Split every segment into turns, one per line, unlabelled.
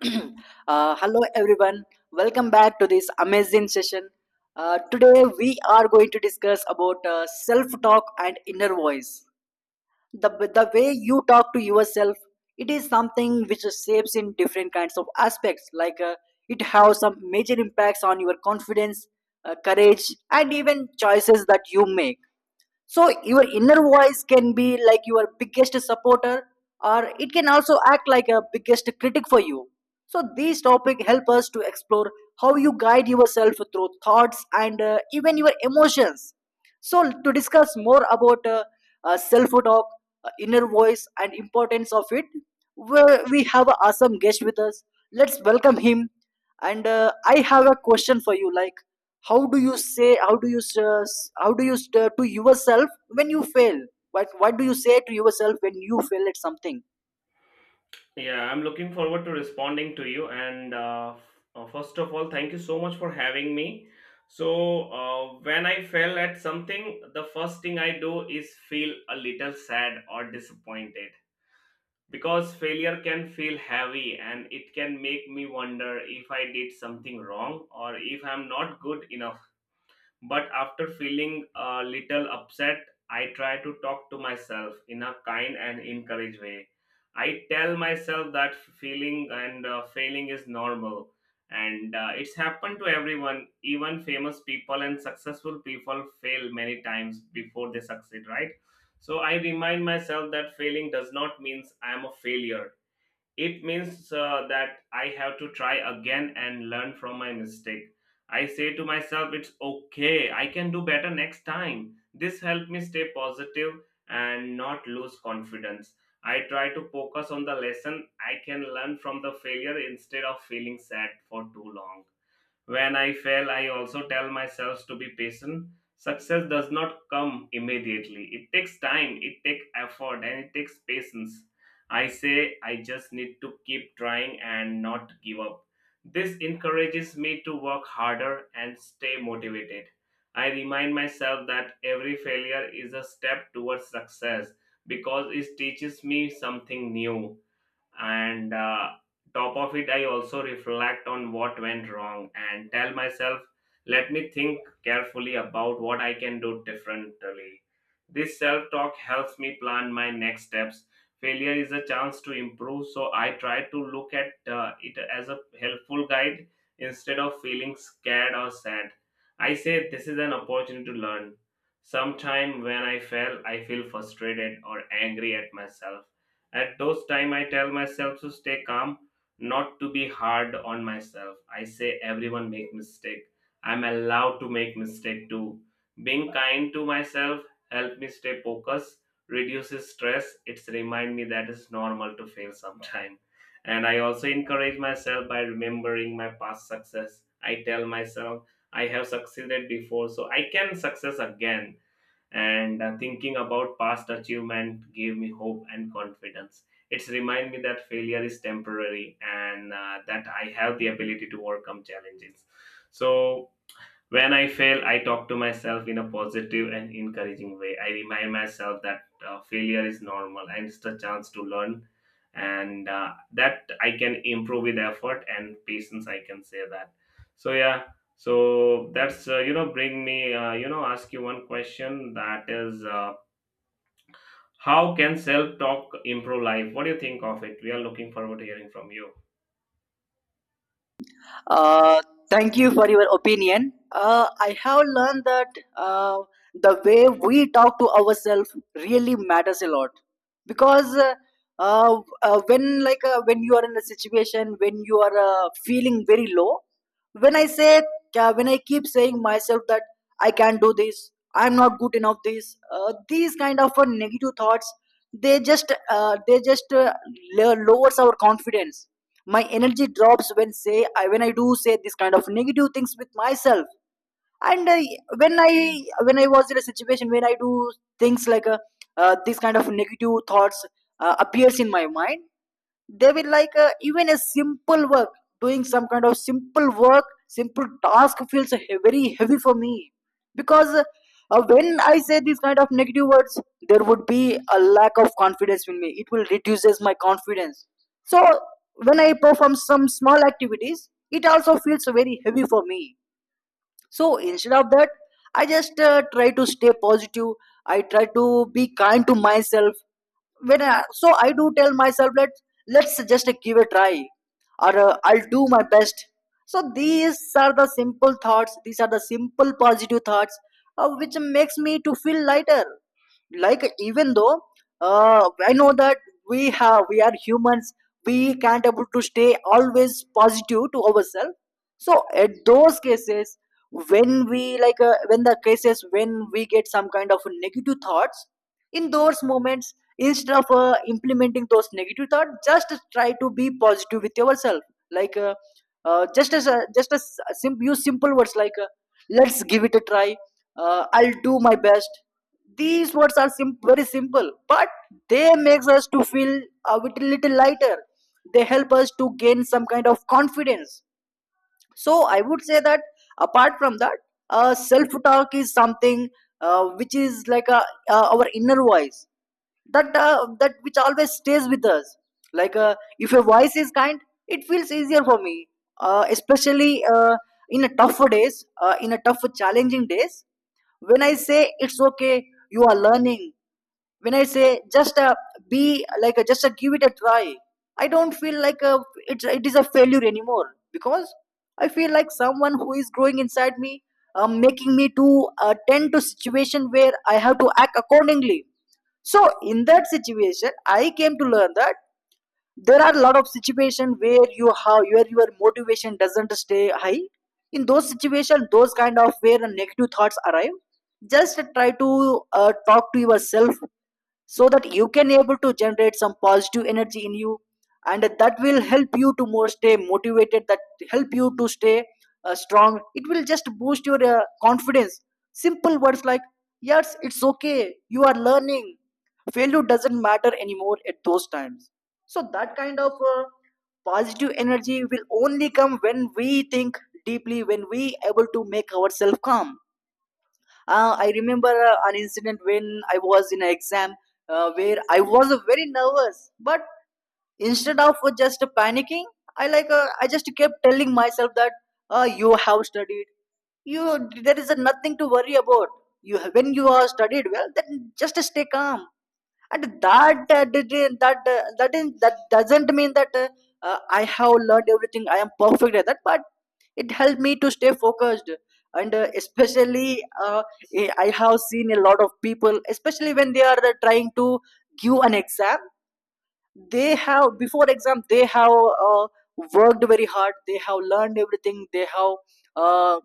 Hello everyone, welcome back to this amazing session. Today we are going to discuss about self talk and inner voice. the, the way you talk to yourself, it is something which shapes in different kinds of aspects, like it has some major impacts on your confidence, courage, and even choices that you make. So your inner voice can be like your biggest supporter, or it can also act like a biggest critic for you. So these topic help us to explore how you guide yourself through thoughts and even your emotions. So to discuss more about self talk, inner voice and importance of it, we we have an awesome guest with us. Let's welcome him. And I have a question for you, like how do you s- to yourself when you fail what do you say to yourself when you fail at something?
Yeah, I'm looking forward to responding to you. And first of all, thank you so much for having me. So, when I fail at something, the first thing I do is feel a little sad or disappointed, because failure can feel heavy and it can make me wonder if I did something wrong or if I'm not good enough. But after feeling a little upset, I try to talk to myself in a kind and encouraged way. I tell myself that feeling and failing is normal. And it's happened to everyone. Even famous people and successful people fail many times before they succeed, right? So I remind myself that failing does not means I am a failure, it means that I have to try again and learn from my mistake. I say to myself, it's okay, I can do better next time. This helped me stay positive and not lose confidence. I try to focus on the lesson I can learn from the failure instead of feeling sad for too long. When I fail, I also tell myself to be patient. Success does not come immediately. It takes time, it takes effort, and it takes patience. I say I just need to keep trying and not give up. This encourages me to work harder and stay motivated. I remind myself that every failure is a step towards success, because it teaches me something new. And top of it, I also reflect on what went wrong and tell myself, let me think carefully about what I can do differently. This self talk helps me plan my next steps. Failure is a chance to improve, so I try to look at it as a helpful guide instead of feeling scared or sad. I say this is an opportunity to learn. Sometime when I fail, I feel frustrated or angry at myself. At those time, I tell myself to stay calm, not to be hard on myself. I say everyone make mistake. I'm allowed to make mistake too. Being kind to myself help me stay focused, reduces stress. It's remind me that it's normal to fail sometime. And I also encourage myself by remembering my past success. I tell myself I have succeeded before, so I can success again. And thinking about past achievement gave me hope and confidence. It's remind me that failure is temporary, and that I have the ability to overcome challenges. So when I fail, I talk to myself in a positive and encouraging way. I remind myself that failure is normal and it's a chance to learn, and that I can improve with effort and patience. I can say that. So yeah, so that's bring me ask you one question, that is how can self talk improve life? What do you think of it? We are looking forward to hearing from you.
Uh, Thank you for your opinion. I have learned that uh, the way we talk to ourselves really matters a lot. Because when, like, when you are in a situation, when you are feeling very low, when I say when I keep saying myself that I can't do this, I'm not good enough. This These kind of negative thoughts, they just uh, they just uh, lowers our confidence. My energy drops when I do say this kind of negative things with myself. And when I was in a situation, when I do things like, this kind of negative thoughts appears in my mind. They will, like, even a simple work, doing some kind of simple work, simple task feels very heavy for me. Because when I say these kind of negative words, there would be a lack of confidence in me, it will reduces my confidence. So when I perform some small activities, it also feels very heavy for me. So instead of that, I just try to stay positive. I try to be kind to myself. So I do tell myself, let's just give a try, or I'll do my best. So these are the simple thoughts. These are the simple positive thoughts, which makes me to feel lighter. Like even though I know that we are humans, we can't able to stay always positive to ourselves. So at those cases, when the cases, when we get some kind of negative thoughts, in those moments, instead of implementing those negative thoughts, just try to be positive with yourself. Like just as a, just as sim- use simple words like, let's give it a try, I'll do my best. These words are very simple, but they makes us to feel a little lighter. They help us to gain some kind of confidence. So I would say that, apart from that, self talk is something, which is like a, our inner voice, that which always stays with us. Like, if your voice is kind, it feels easier for me, especially in a tough challenging days. When I say, it's okay, you are learning. When I say, just be like just give it a try. I don't feel like it is a failure anymore, because I feel like someone who is growing inside me, making me to tend to situation where I have to act accordingly. So in that situation, I came to learn that there are a lot of situations, where your motivation doesn't stay high. In those situations, those kind of where negative thoughts arrive, just try to talk to yourself, so that you can able to generate some positive energy in you, and that will help you to more stay motivated, that help you to stay strong, it will just boost your confidence. Simple words like, yes, it's okay, you are learning. Failure doesn't matter anymore at those times. So that kind of positive energy will only come when we think deeply, when we able to make ourselves calm. I remember an incident when I was in an exam, where I was very nervous, but instead of just panicking, I just kept telling myself that, you have studied, you there is nothing to worry about, when you are studied well, then just stay calm. And that didn't that that, is, that doesn't mean that I have learned everything, I am perfect at that, but it helped me to stay focused. And especially, I have seen a lot of people, especially when they are trying to give an exam. They have Before exam, they have uh, worked very hard, they have learned everything, uh,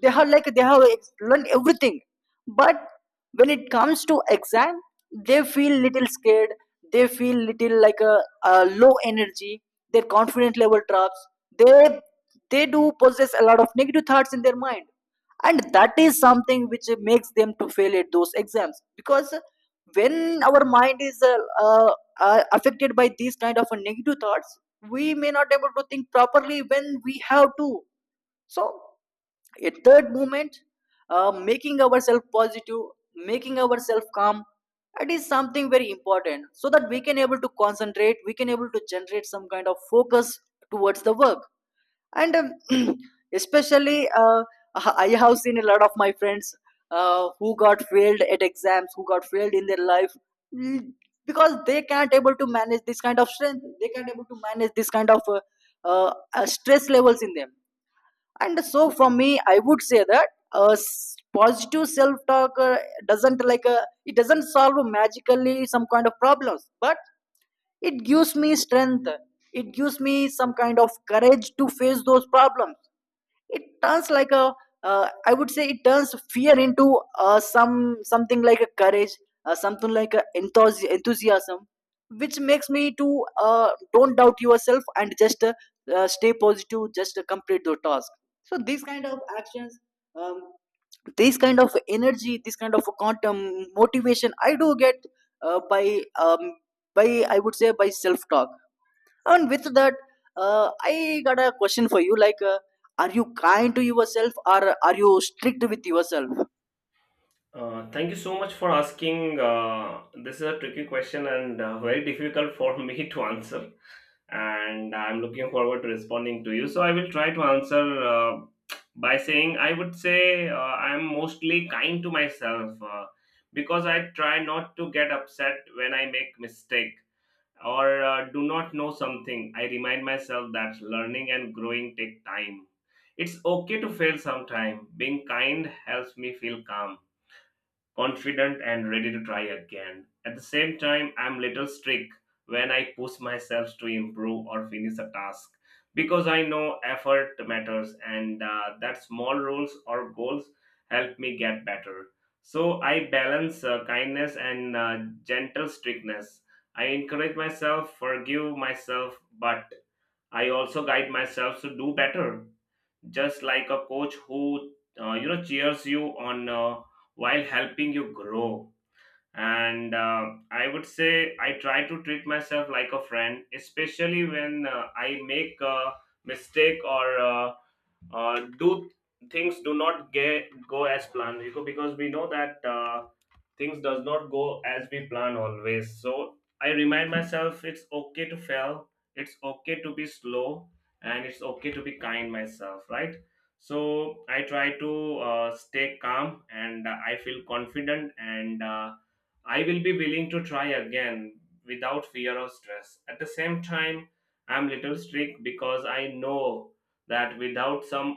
they have like they have ex- learned everything. But when it comes to exam, they feel little scared, they feel little like a low energy, their confidence level drops. They they do possess a lot of negative thoughts in their mind, and that is something which makes them to fail at those exams, because when our mind is uh, affected by these kind of negative thoughts, we may not able to think properly when we have to. So a third movement, making ourselves positive, making ourselves calm, that is something very important, so that we can able to concentrate, we can able to generate some kind of focus towards the work. And especially, I have seen a lot of my friends who got failed at exams, who got failed in their life mm, because they can't able to manage this kind of strength, they can't able to manage this kind of stress levels in them. And so from me, I would say that positive self talk doesn't like it doesn't solve magically some kind of problems, but it gives me strength, it gives me some kind of courage to face those problems. It turns like a I would say it turns fear into something like a courage, something like a enthusiasm, which makes me to don't doubt yourself and just stay positive, just complete the task. So these kind of actions, um, these kind of energy, this kind of quantum motivation I do get by, um, by, I would say, by self talk. And with that, I got a question for you. Like, are you kind to yourself, or are you strict with yourself?
Thank you so much for asking. This is a tricky question, and very difficult for me to answer. And I'm looking forward to responding to you. So I will try to answer, by saying I would say I'm mostly kind to myself, because I try not to get upset when I make mistake or do not know something. I remind myself that learning and growing take time. It's okay to fail sometime. Being kind helps me feel calm, confident and ready to try again. At the same time, I'm little strict when I push myself to improve or finish a task, because I know effort matters, and that small rules or goals help me get better. So I balance kindness and gentle strictness. I encourage myself, forgive myself, but I also guide myself to do better, just like a coach who cheers you on, while helping you grow. And I would say I try to treat myself like a friend, especially when I make a mistake, or do things do not get go as planned, because we know that things does not go as we plan always, so I remind myself it's okay to fail, it's okay to be slow, and it's okay to be kind myself, right? So I try to stay calm, and I feel confident, and I will be willing to try again without fear or stress. At the same time, I'm little strict because I know that without some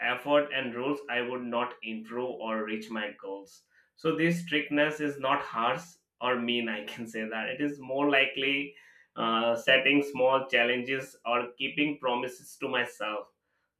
effort and rules, I would not improve or reach my goals. So this strictness is not harsh or mean, I can say that. It is more likely setting small challenges or keeping promises to myself,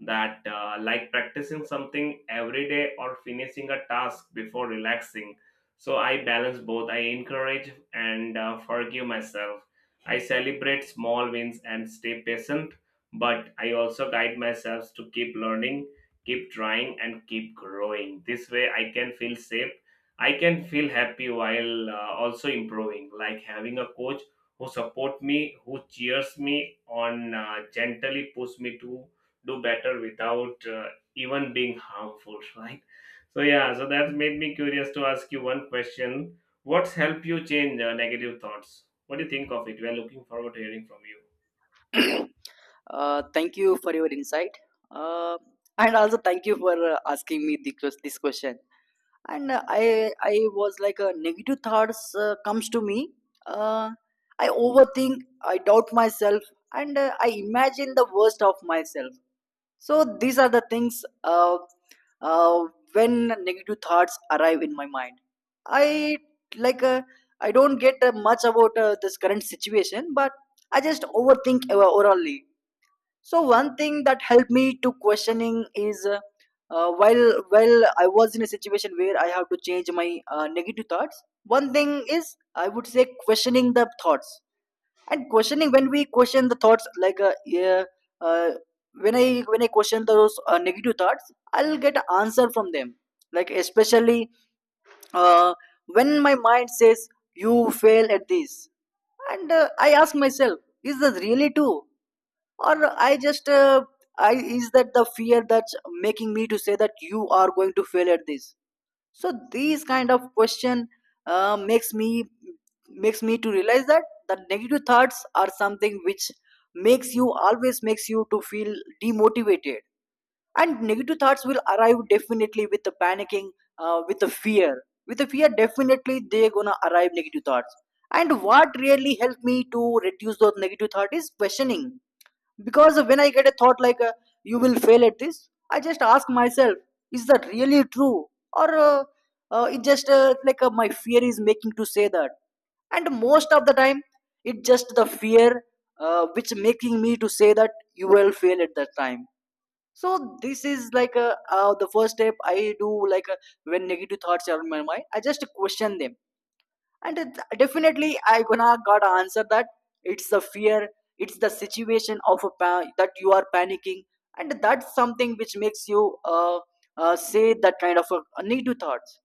that like practicing something every day or finishing a task before relaxing. So I balance both. I encourage and forgive myself. I celebrate small wins and stay patient, but I also guide myself to keep learning, keep trying, and keep growing. This way I can feel safe, I can feel happy while also improving, like having a coach who support me, who cheers me on, gently push me to do better without even being harmful, right? So yeah, so that's made me curious to ask you one question. What's helped you change negative thoughts? What do you think of it? We are looking forward to hearing from you.
Thank you for your insight. Uh, and also thank you for asking me this question. And I was like, negative thoughts comes to me. Uh, I overthink, I doubt myself, and I imagine the worst of myself. So these are the things uh, when negative thoughts arrive in my mind. I like uh, I don't get much about this current situation, but I just overthink orally. So one thing that helped me to questioning is while I was in a situation where I have to change my negative thoughts. One thing is I would say questioning the thoughts and questioning when we question the thoughts uh, when I question those negative thoughts I'll get an answer from them, like especially uh, when my mind says you fail at this. And I ask myself, is this really true, or I just I is that the fear that's making me to say that you are going to fail at this? So these kind of question makes me, makes me to realize that the negative thoughts are something which makes you, always makes you to feel demotivated. And negative thoughts will arrive, definitely, with the panicking, with the fear, with the fear, definitely they're gonna arrive, negative thoughts. And what really helped me to reduce those negative thoughts is questioning, because when I get a thought like you will fail at this, I just ask myself, is that really true, or it just my fear is making to say that. And most of the time it just the fear which making me to say that you will fail at that time. So this is like the first step I do, like when negative thoughts are in my mind I just question them. And definitely I gonna gotta answer that it's the fear, it's the situation of that you are panicking, and that's something which makes you say that kind of a negative thoughts.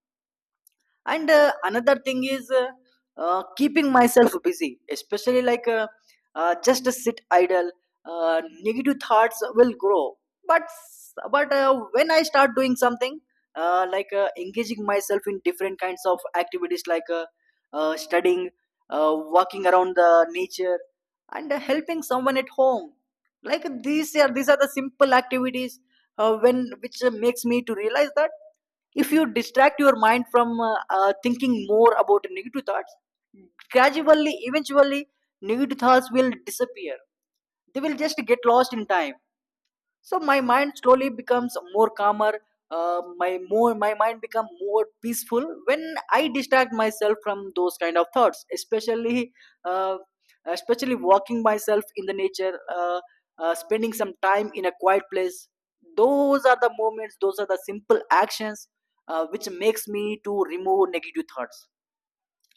And another thing is keeping myself busy, especially like just sit idle, negative thoughts will grow. But when I start doing something, like engaging myself in different kinds of activities, like studying, walking around the nature, and helping someone at home. These are these are the simple activities when which makes me to realize that if you distract your mind from thinking more about negative thoughts, gradually, eventually negative thoughts will disappear. They will just get lost in time. So my mind slowly becomes more calmer. My mind become more peaceful when I distract myself from those kind of thoughts, especially uh, especially walking myself in the nature, spending some time in a quiet place. Those are the moments, those are the simple actions which makes me to remove negative thoughts.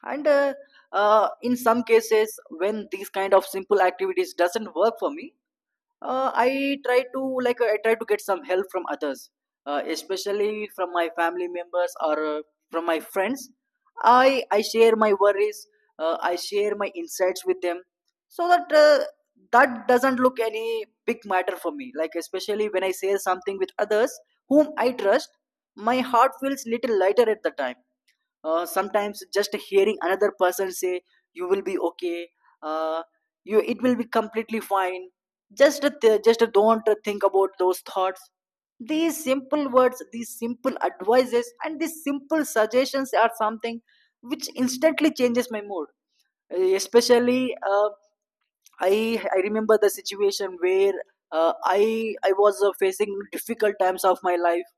And in some cases, when these kind of simple activities doesn't work for me, I try to, I try to get some help from others, especially from my family members, or from my friends. I share my worries. I share my insights with them, so that that doesn't look any big matter for me. Like, especially when I share something with others whom I trust, my heart feels little lighter at the time. Sometimes just hearing another person say, you will be okay, uh, you, it will be completely fine, just don't think about those thoughts. These simple words, these simple advices and these simple suggestions are something which instantly changes my mood. Especially uh, i I remember the situation where uh, i I was facing difficult times of my life.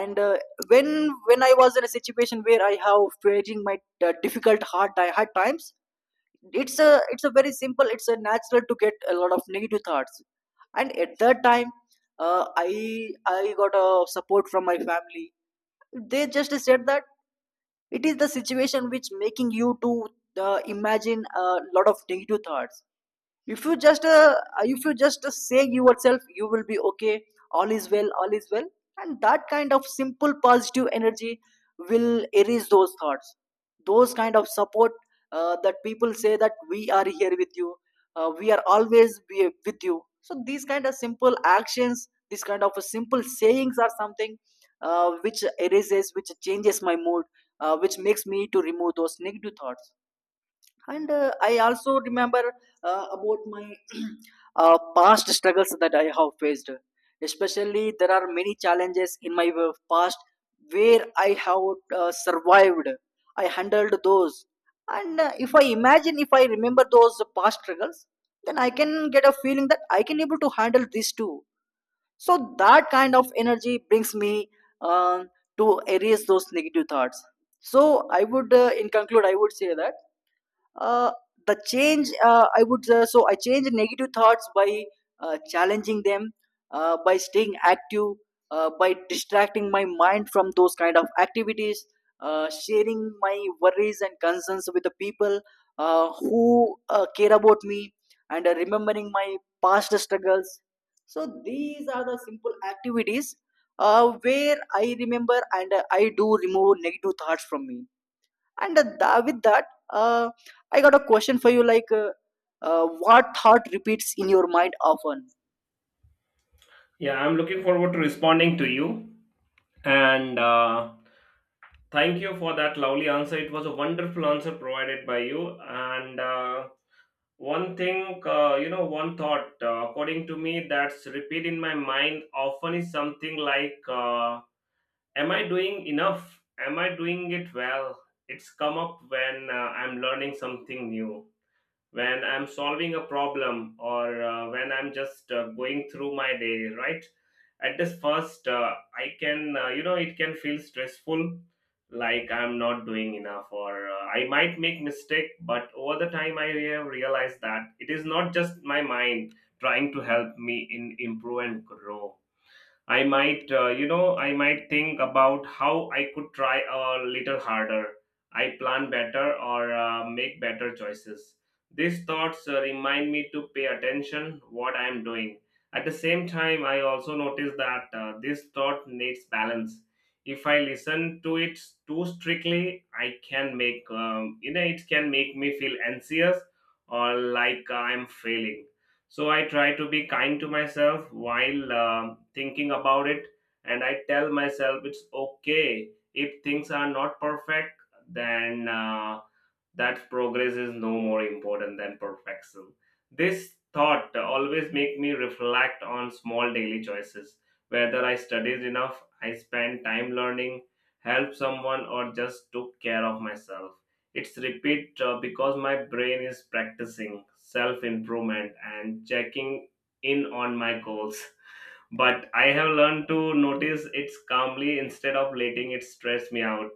And when when I was in a situation where I have facing my difficult, hard times, it's a, it's a very simple, it's a natural to get a lot of negative thoughts. And at that time, I got a support from my family. They just said that it is the situation which making you to imagine a lot of negative thoughts. If you just if you just say yourself you will be okay, all is well, all is well, and that kind of simple positive energy will erase those thoughts. Those kind of support, that people say that we are here with you, we are always with you. So these kind of simple actions, these kind of simple sayings are something which erases, which changes my mood, which makes me to remove those negative thoughts. And I also remember about my past struggles that I have faced. Especially, there are many challenges in my past where I have survived, I handled those. And if I imagine, if I remember those past struggles, then I can get a feeling that I can able to handle this too. So that kind of energy brings me um to erase those negative thoughts. So I would in conclude, I would say that uh, the change I would so I change negative thoughts by challenging them, by staying active, by distracting my mind from those kind of activities, sharing my worries and concerns with the people who care about me, and remembering my past struggles. So these are the simple activities where I remember, and I do remove negative thoughts from me. And with that, I got a question for you. Like, what thought repeats in your mind often?
Yeah, I'm looking forward to responding to you. And thank you for that lovely answer. It was a wonderful answer provided by you. And one thing, one thought, according to me, that's repeat in my mind often is something like, am I doing enough? Am I doing it well? It's come up when I'm learning something new, when I'm solving a problem, or when I'm just going through my day, right? At this first, I can, it can feel stressful, like I'm not doing enough, or I might make mistake. But over the time, I have realized that it is not just my mind trying to help me in improve and grow. I might think about how I could try a little harder. I plan better, or make better choices. These thoughts remind me to pay attention what I am doing. At the same time, I also notice that this thought needs balance. If I listen to it too strictly, I can make, it can make me feel anxious, or like I'm failing, so I try to be kind to myself while thinking about it, and I tell myself it's okay if things are not perfect. Then that progress is no more important than perfection. This thought always make me reflect on small daily choices, whether I studied enough, I spent time learning, helped someone, or just took care of myself. It's repeat because my brain is practicing self improvement and checking in on my goals. But I have learned to notice it calmly instead of letting it stress me out.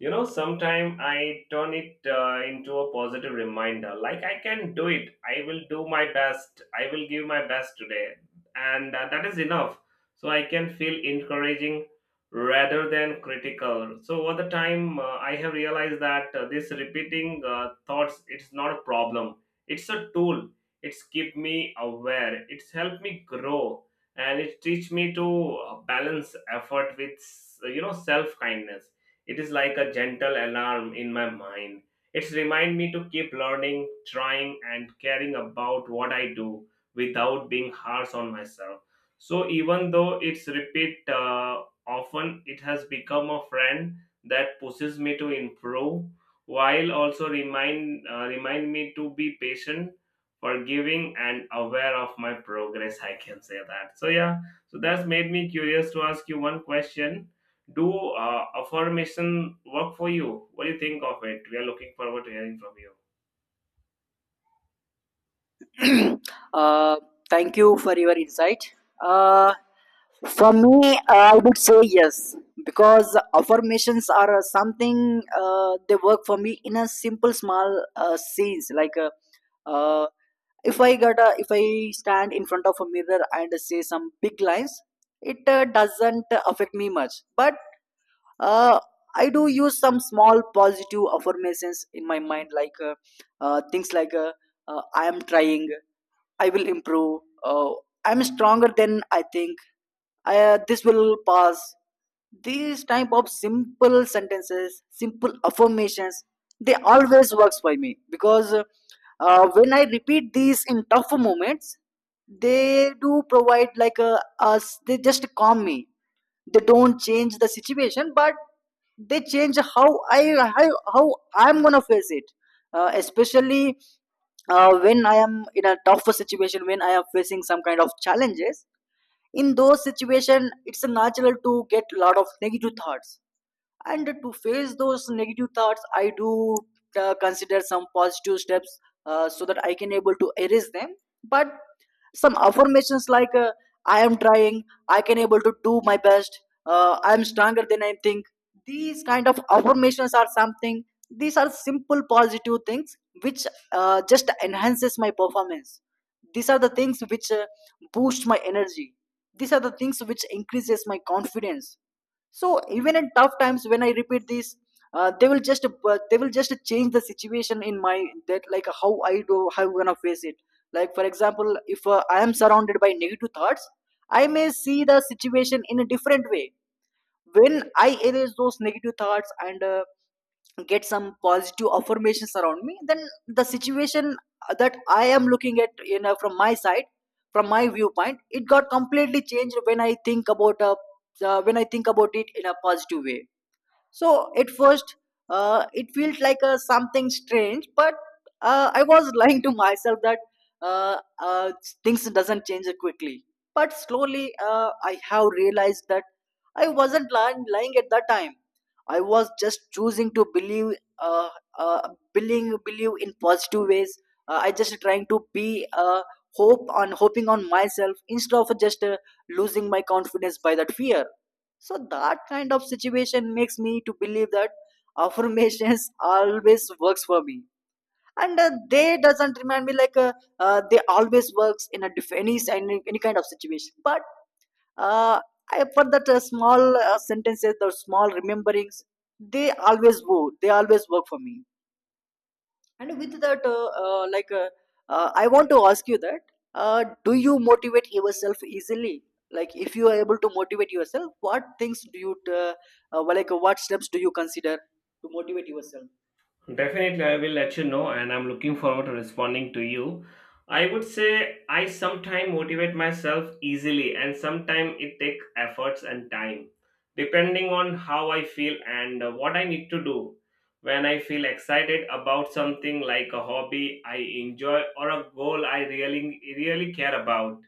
Sometimes I turn it into a positive reminder, like I can do it, I will do my best, I will give my best today, and that is enough. So I can feel encouraging rather than critical. So over the time, I have realized that this repeating thoughts, it's not a problem, it's a tool. It's keep me aware, it's helped me grow, and it teach me to balance effort with self kindness. It is like a gentle alarm in my mind. It's remind me to keep learning, trying, and caring about what I do without being harsh on myself. So even though it's repeat often, it has become a friend that pushes me to improve, while also remind me to be patient, forgiving, and aware of my progress. I can say that. So yeah, so that's made me curious to ask you one question. Do affirmation work for you? What do you think of it? We are looking forward to hearing from you.
Uh, thank you for your insight. Uh, for me, I would say yes, because affirmations are something, they work for me in a simple, small scenes. Like, uh, if I got a, if I stand in front of a mirror and say some big lines, it doesn't affect me much. But uh, I do use some small positive affirmations in my mind, like things like "I am trying," "I will improve," "I'm stronger than I think," I, "This will pass." These type of simple sentences, simple affirmations, they always works for me. Because when I repeat these in tough moments, they do provide like a us. They just calm me, they don't change the situation, but they change how I, how, how I'm gonna face it. Uh, especially when I am in a tougher situation, when I am facing some kind of challenges, in those situations it's natural to get a lot of negative thoughts. And to face those negative thoughts I do consider some positive steps, so that I can able to erase them. But some affirmations like I am trying, I can able to do my best, I am stronger than I think, these kind of affirmations are something, these are simple positive things which just enhances my performance. These are the things which boost my energy, these are the things which increases my confidence. So even in tough times when I repeat this, they will just change the situation in my that, like how I do, how I'm gonna face it. Like for example, if I am surrounded by negative thoughts, I may see the situation in a different way. When I erase those negative thoughts and get some positive affirmations around me, then the situation that I am looking at, you know, from my side, from my viewpoint, it got completely changed when I think about a when I think about it in a positive way. So at first, it felt like something strange, but I was lying to myself that uh, uh, things doesn't change quickly. But slowly, I have realized that I wasn't lying at that time. I was just choosing to believe, uh, believe in positive ways. I just trying to be hope on hoping on myself instead of just losing my confidence by that fear. So that kind of situation makes me to believe that affirmations always works for me. And they doesn't remind me like they always works in a any kind of situation. But uh, for that small sentences, the small rememberings, they always work, they always work for me. And with that, I want to ask you that, do you motivate yourself easily? Like, if you are able to motivate yourself, what things do you, like, what steps do you consider to motivate yourself?
Definitely, I will let you know, and I'm looking forward to responding to you. I would say I sometimes motivate myself easily, and sometimes it take efforts and time, depending on how I feel and what I need to do. When I feel excited about something like a hobby I enjoy or a goal I really really care about,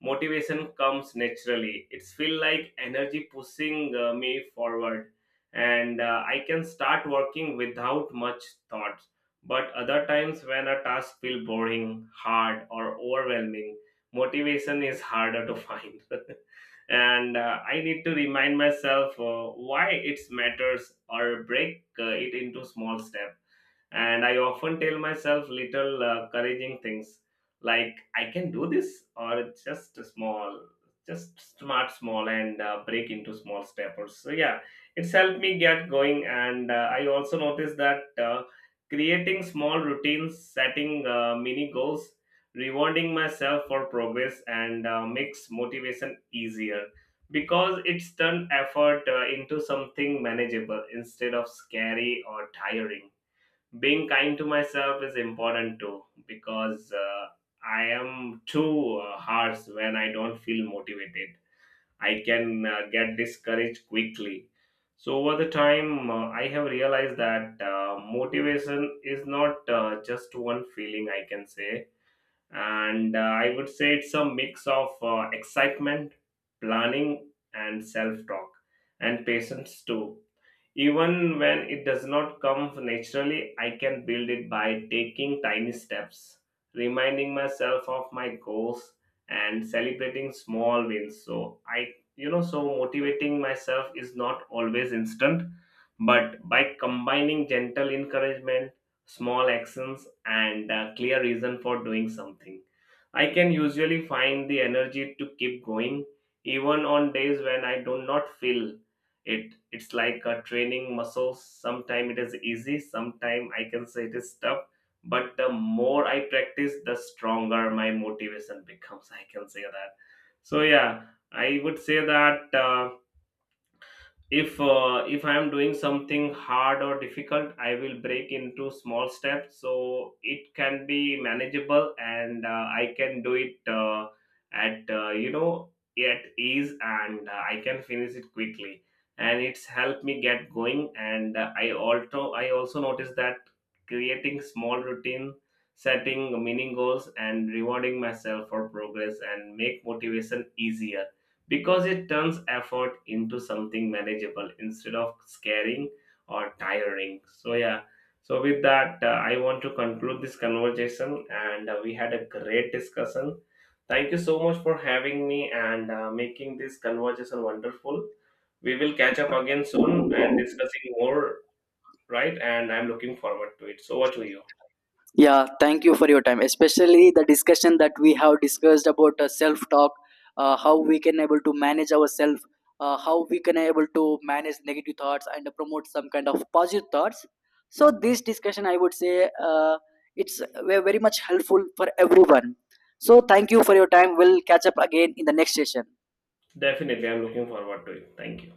motivation comes naturally. It's feel like energy pushing me forward, and I can start working without much thought. But other times, when a task feel boring, hard or overwhelming, motivation is harder to find. And I need to remind myself why it matters, or break it into small steps. And I often tell myself little encouraging things, like I can do this, or it's just a small, just smart small, and break into small steppers. So yeah, it's helped me get going. And I also noticed that creating small routines, setting mini goals, rewarding myself for progress, and makes motivation easier, because it's turned effort into something manageable instead of scary or tiring. Being kind to myself is important too, because I am too harsh. When I don't feel motivated, I can get discouraged quickly. So over the time, I have realized that motivation is not just one feeling, I can say. And I would say it's a mix of excitement, planning and self talk, and patience too. Even when it does not come naturally, I can build it by taking tiny steps, reminding myself of my goals and celebrating small wins. So I you know so motivating myself is not always instant, but by combining gentle encouragement, small actions and a clear reason for doing something, I can usually find the energy to keep going even on days when I do not feel it. It's like training muscles. Sometime it is easy, sometime I can say it is tough, but the more I practice, the stronger my motivation becomes, I can say that. So yeah, I would say that if I am doing something hard or difficult, I will break into small steps so it can be manageable, and I can do it at ease, and I can finish it quickly. And it's helped me get going. And I also noticed that creating small routine, setting meaning goals and rewarding myself for progress and make motivation easier, because it turns effort into something manageable instead of scaring or tiring. So, yeah, so with that, I want to conclude this conversation, and we had a great discussion. Thank you so much for having me and making this conversation wonderful. We will catch up again soon and discussing more, right? And I'm looking forward to it. So, what to you?
Yeah, thank you for your time. Especially the discussion that we have discussed about self-talk, how we can able to manage ourselves, how we can able to manage negative thoughts and promote some kind of positive thoughts. So this discussion, I would say, it's very much helpful for everyone. So thank you for your time. We'll catch up again in the next session.
Definitely, I'm looking forward to it. Thank you.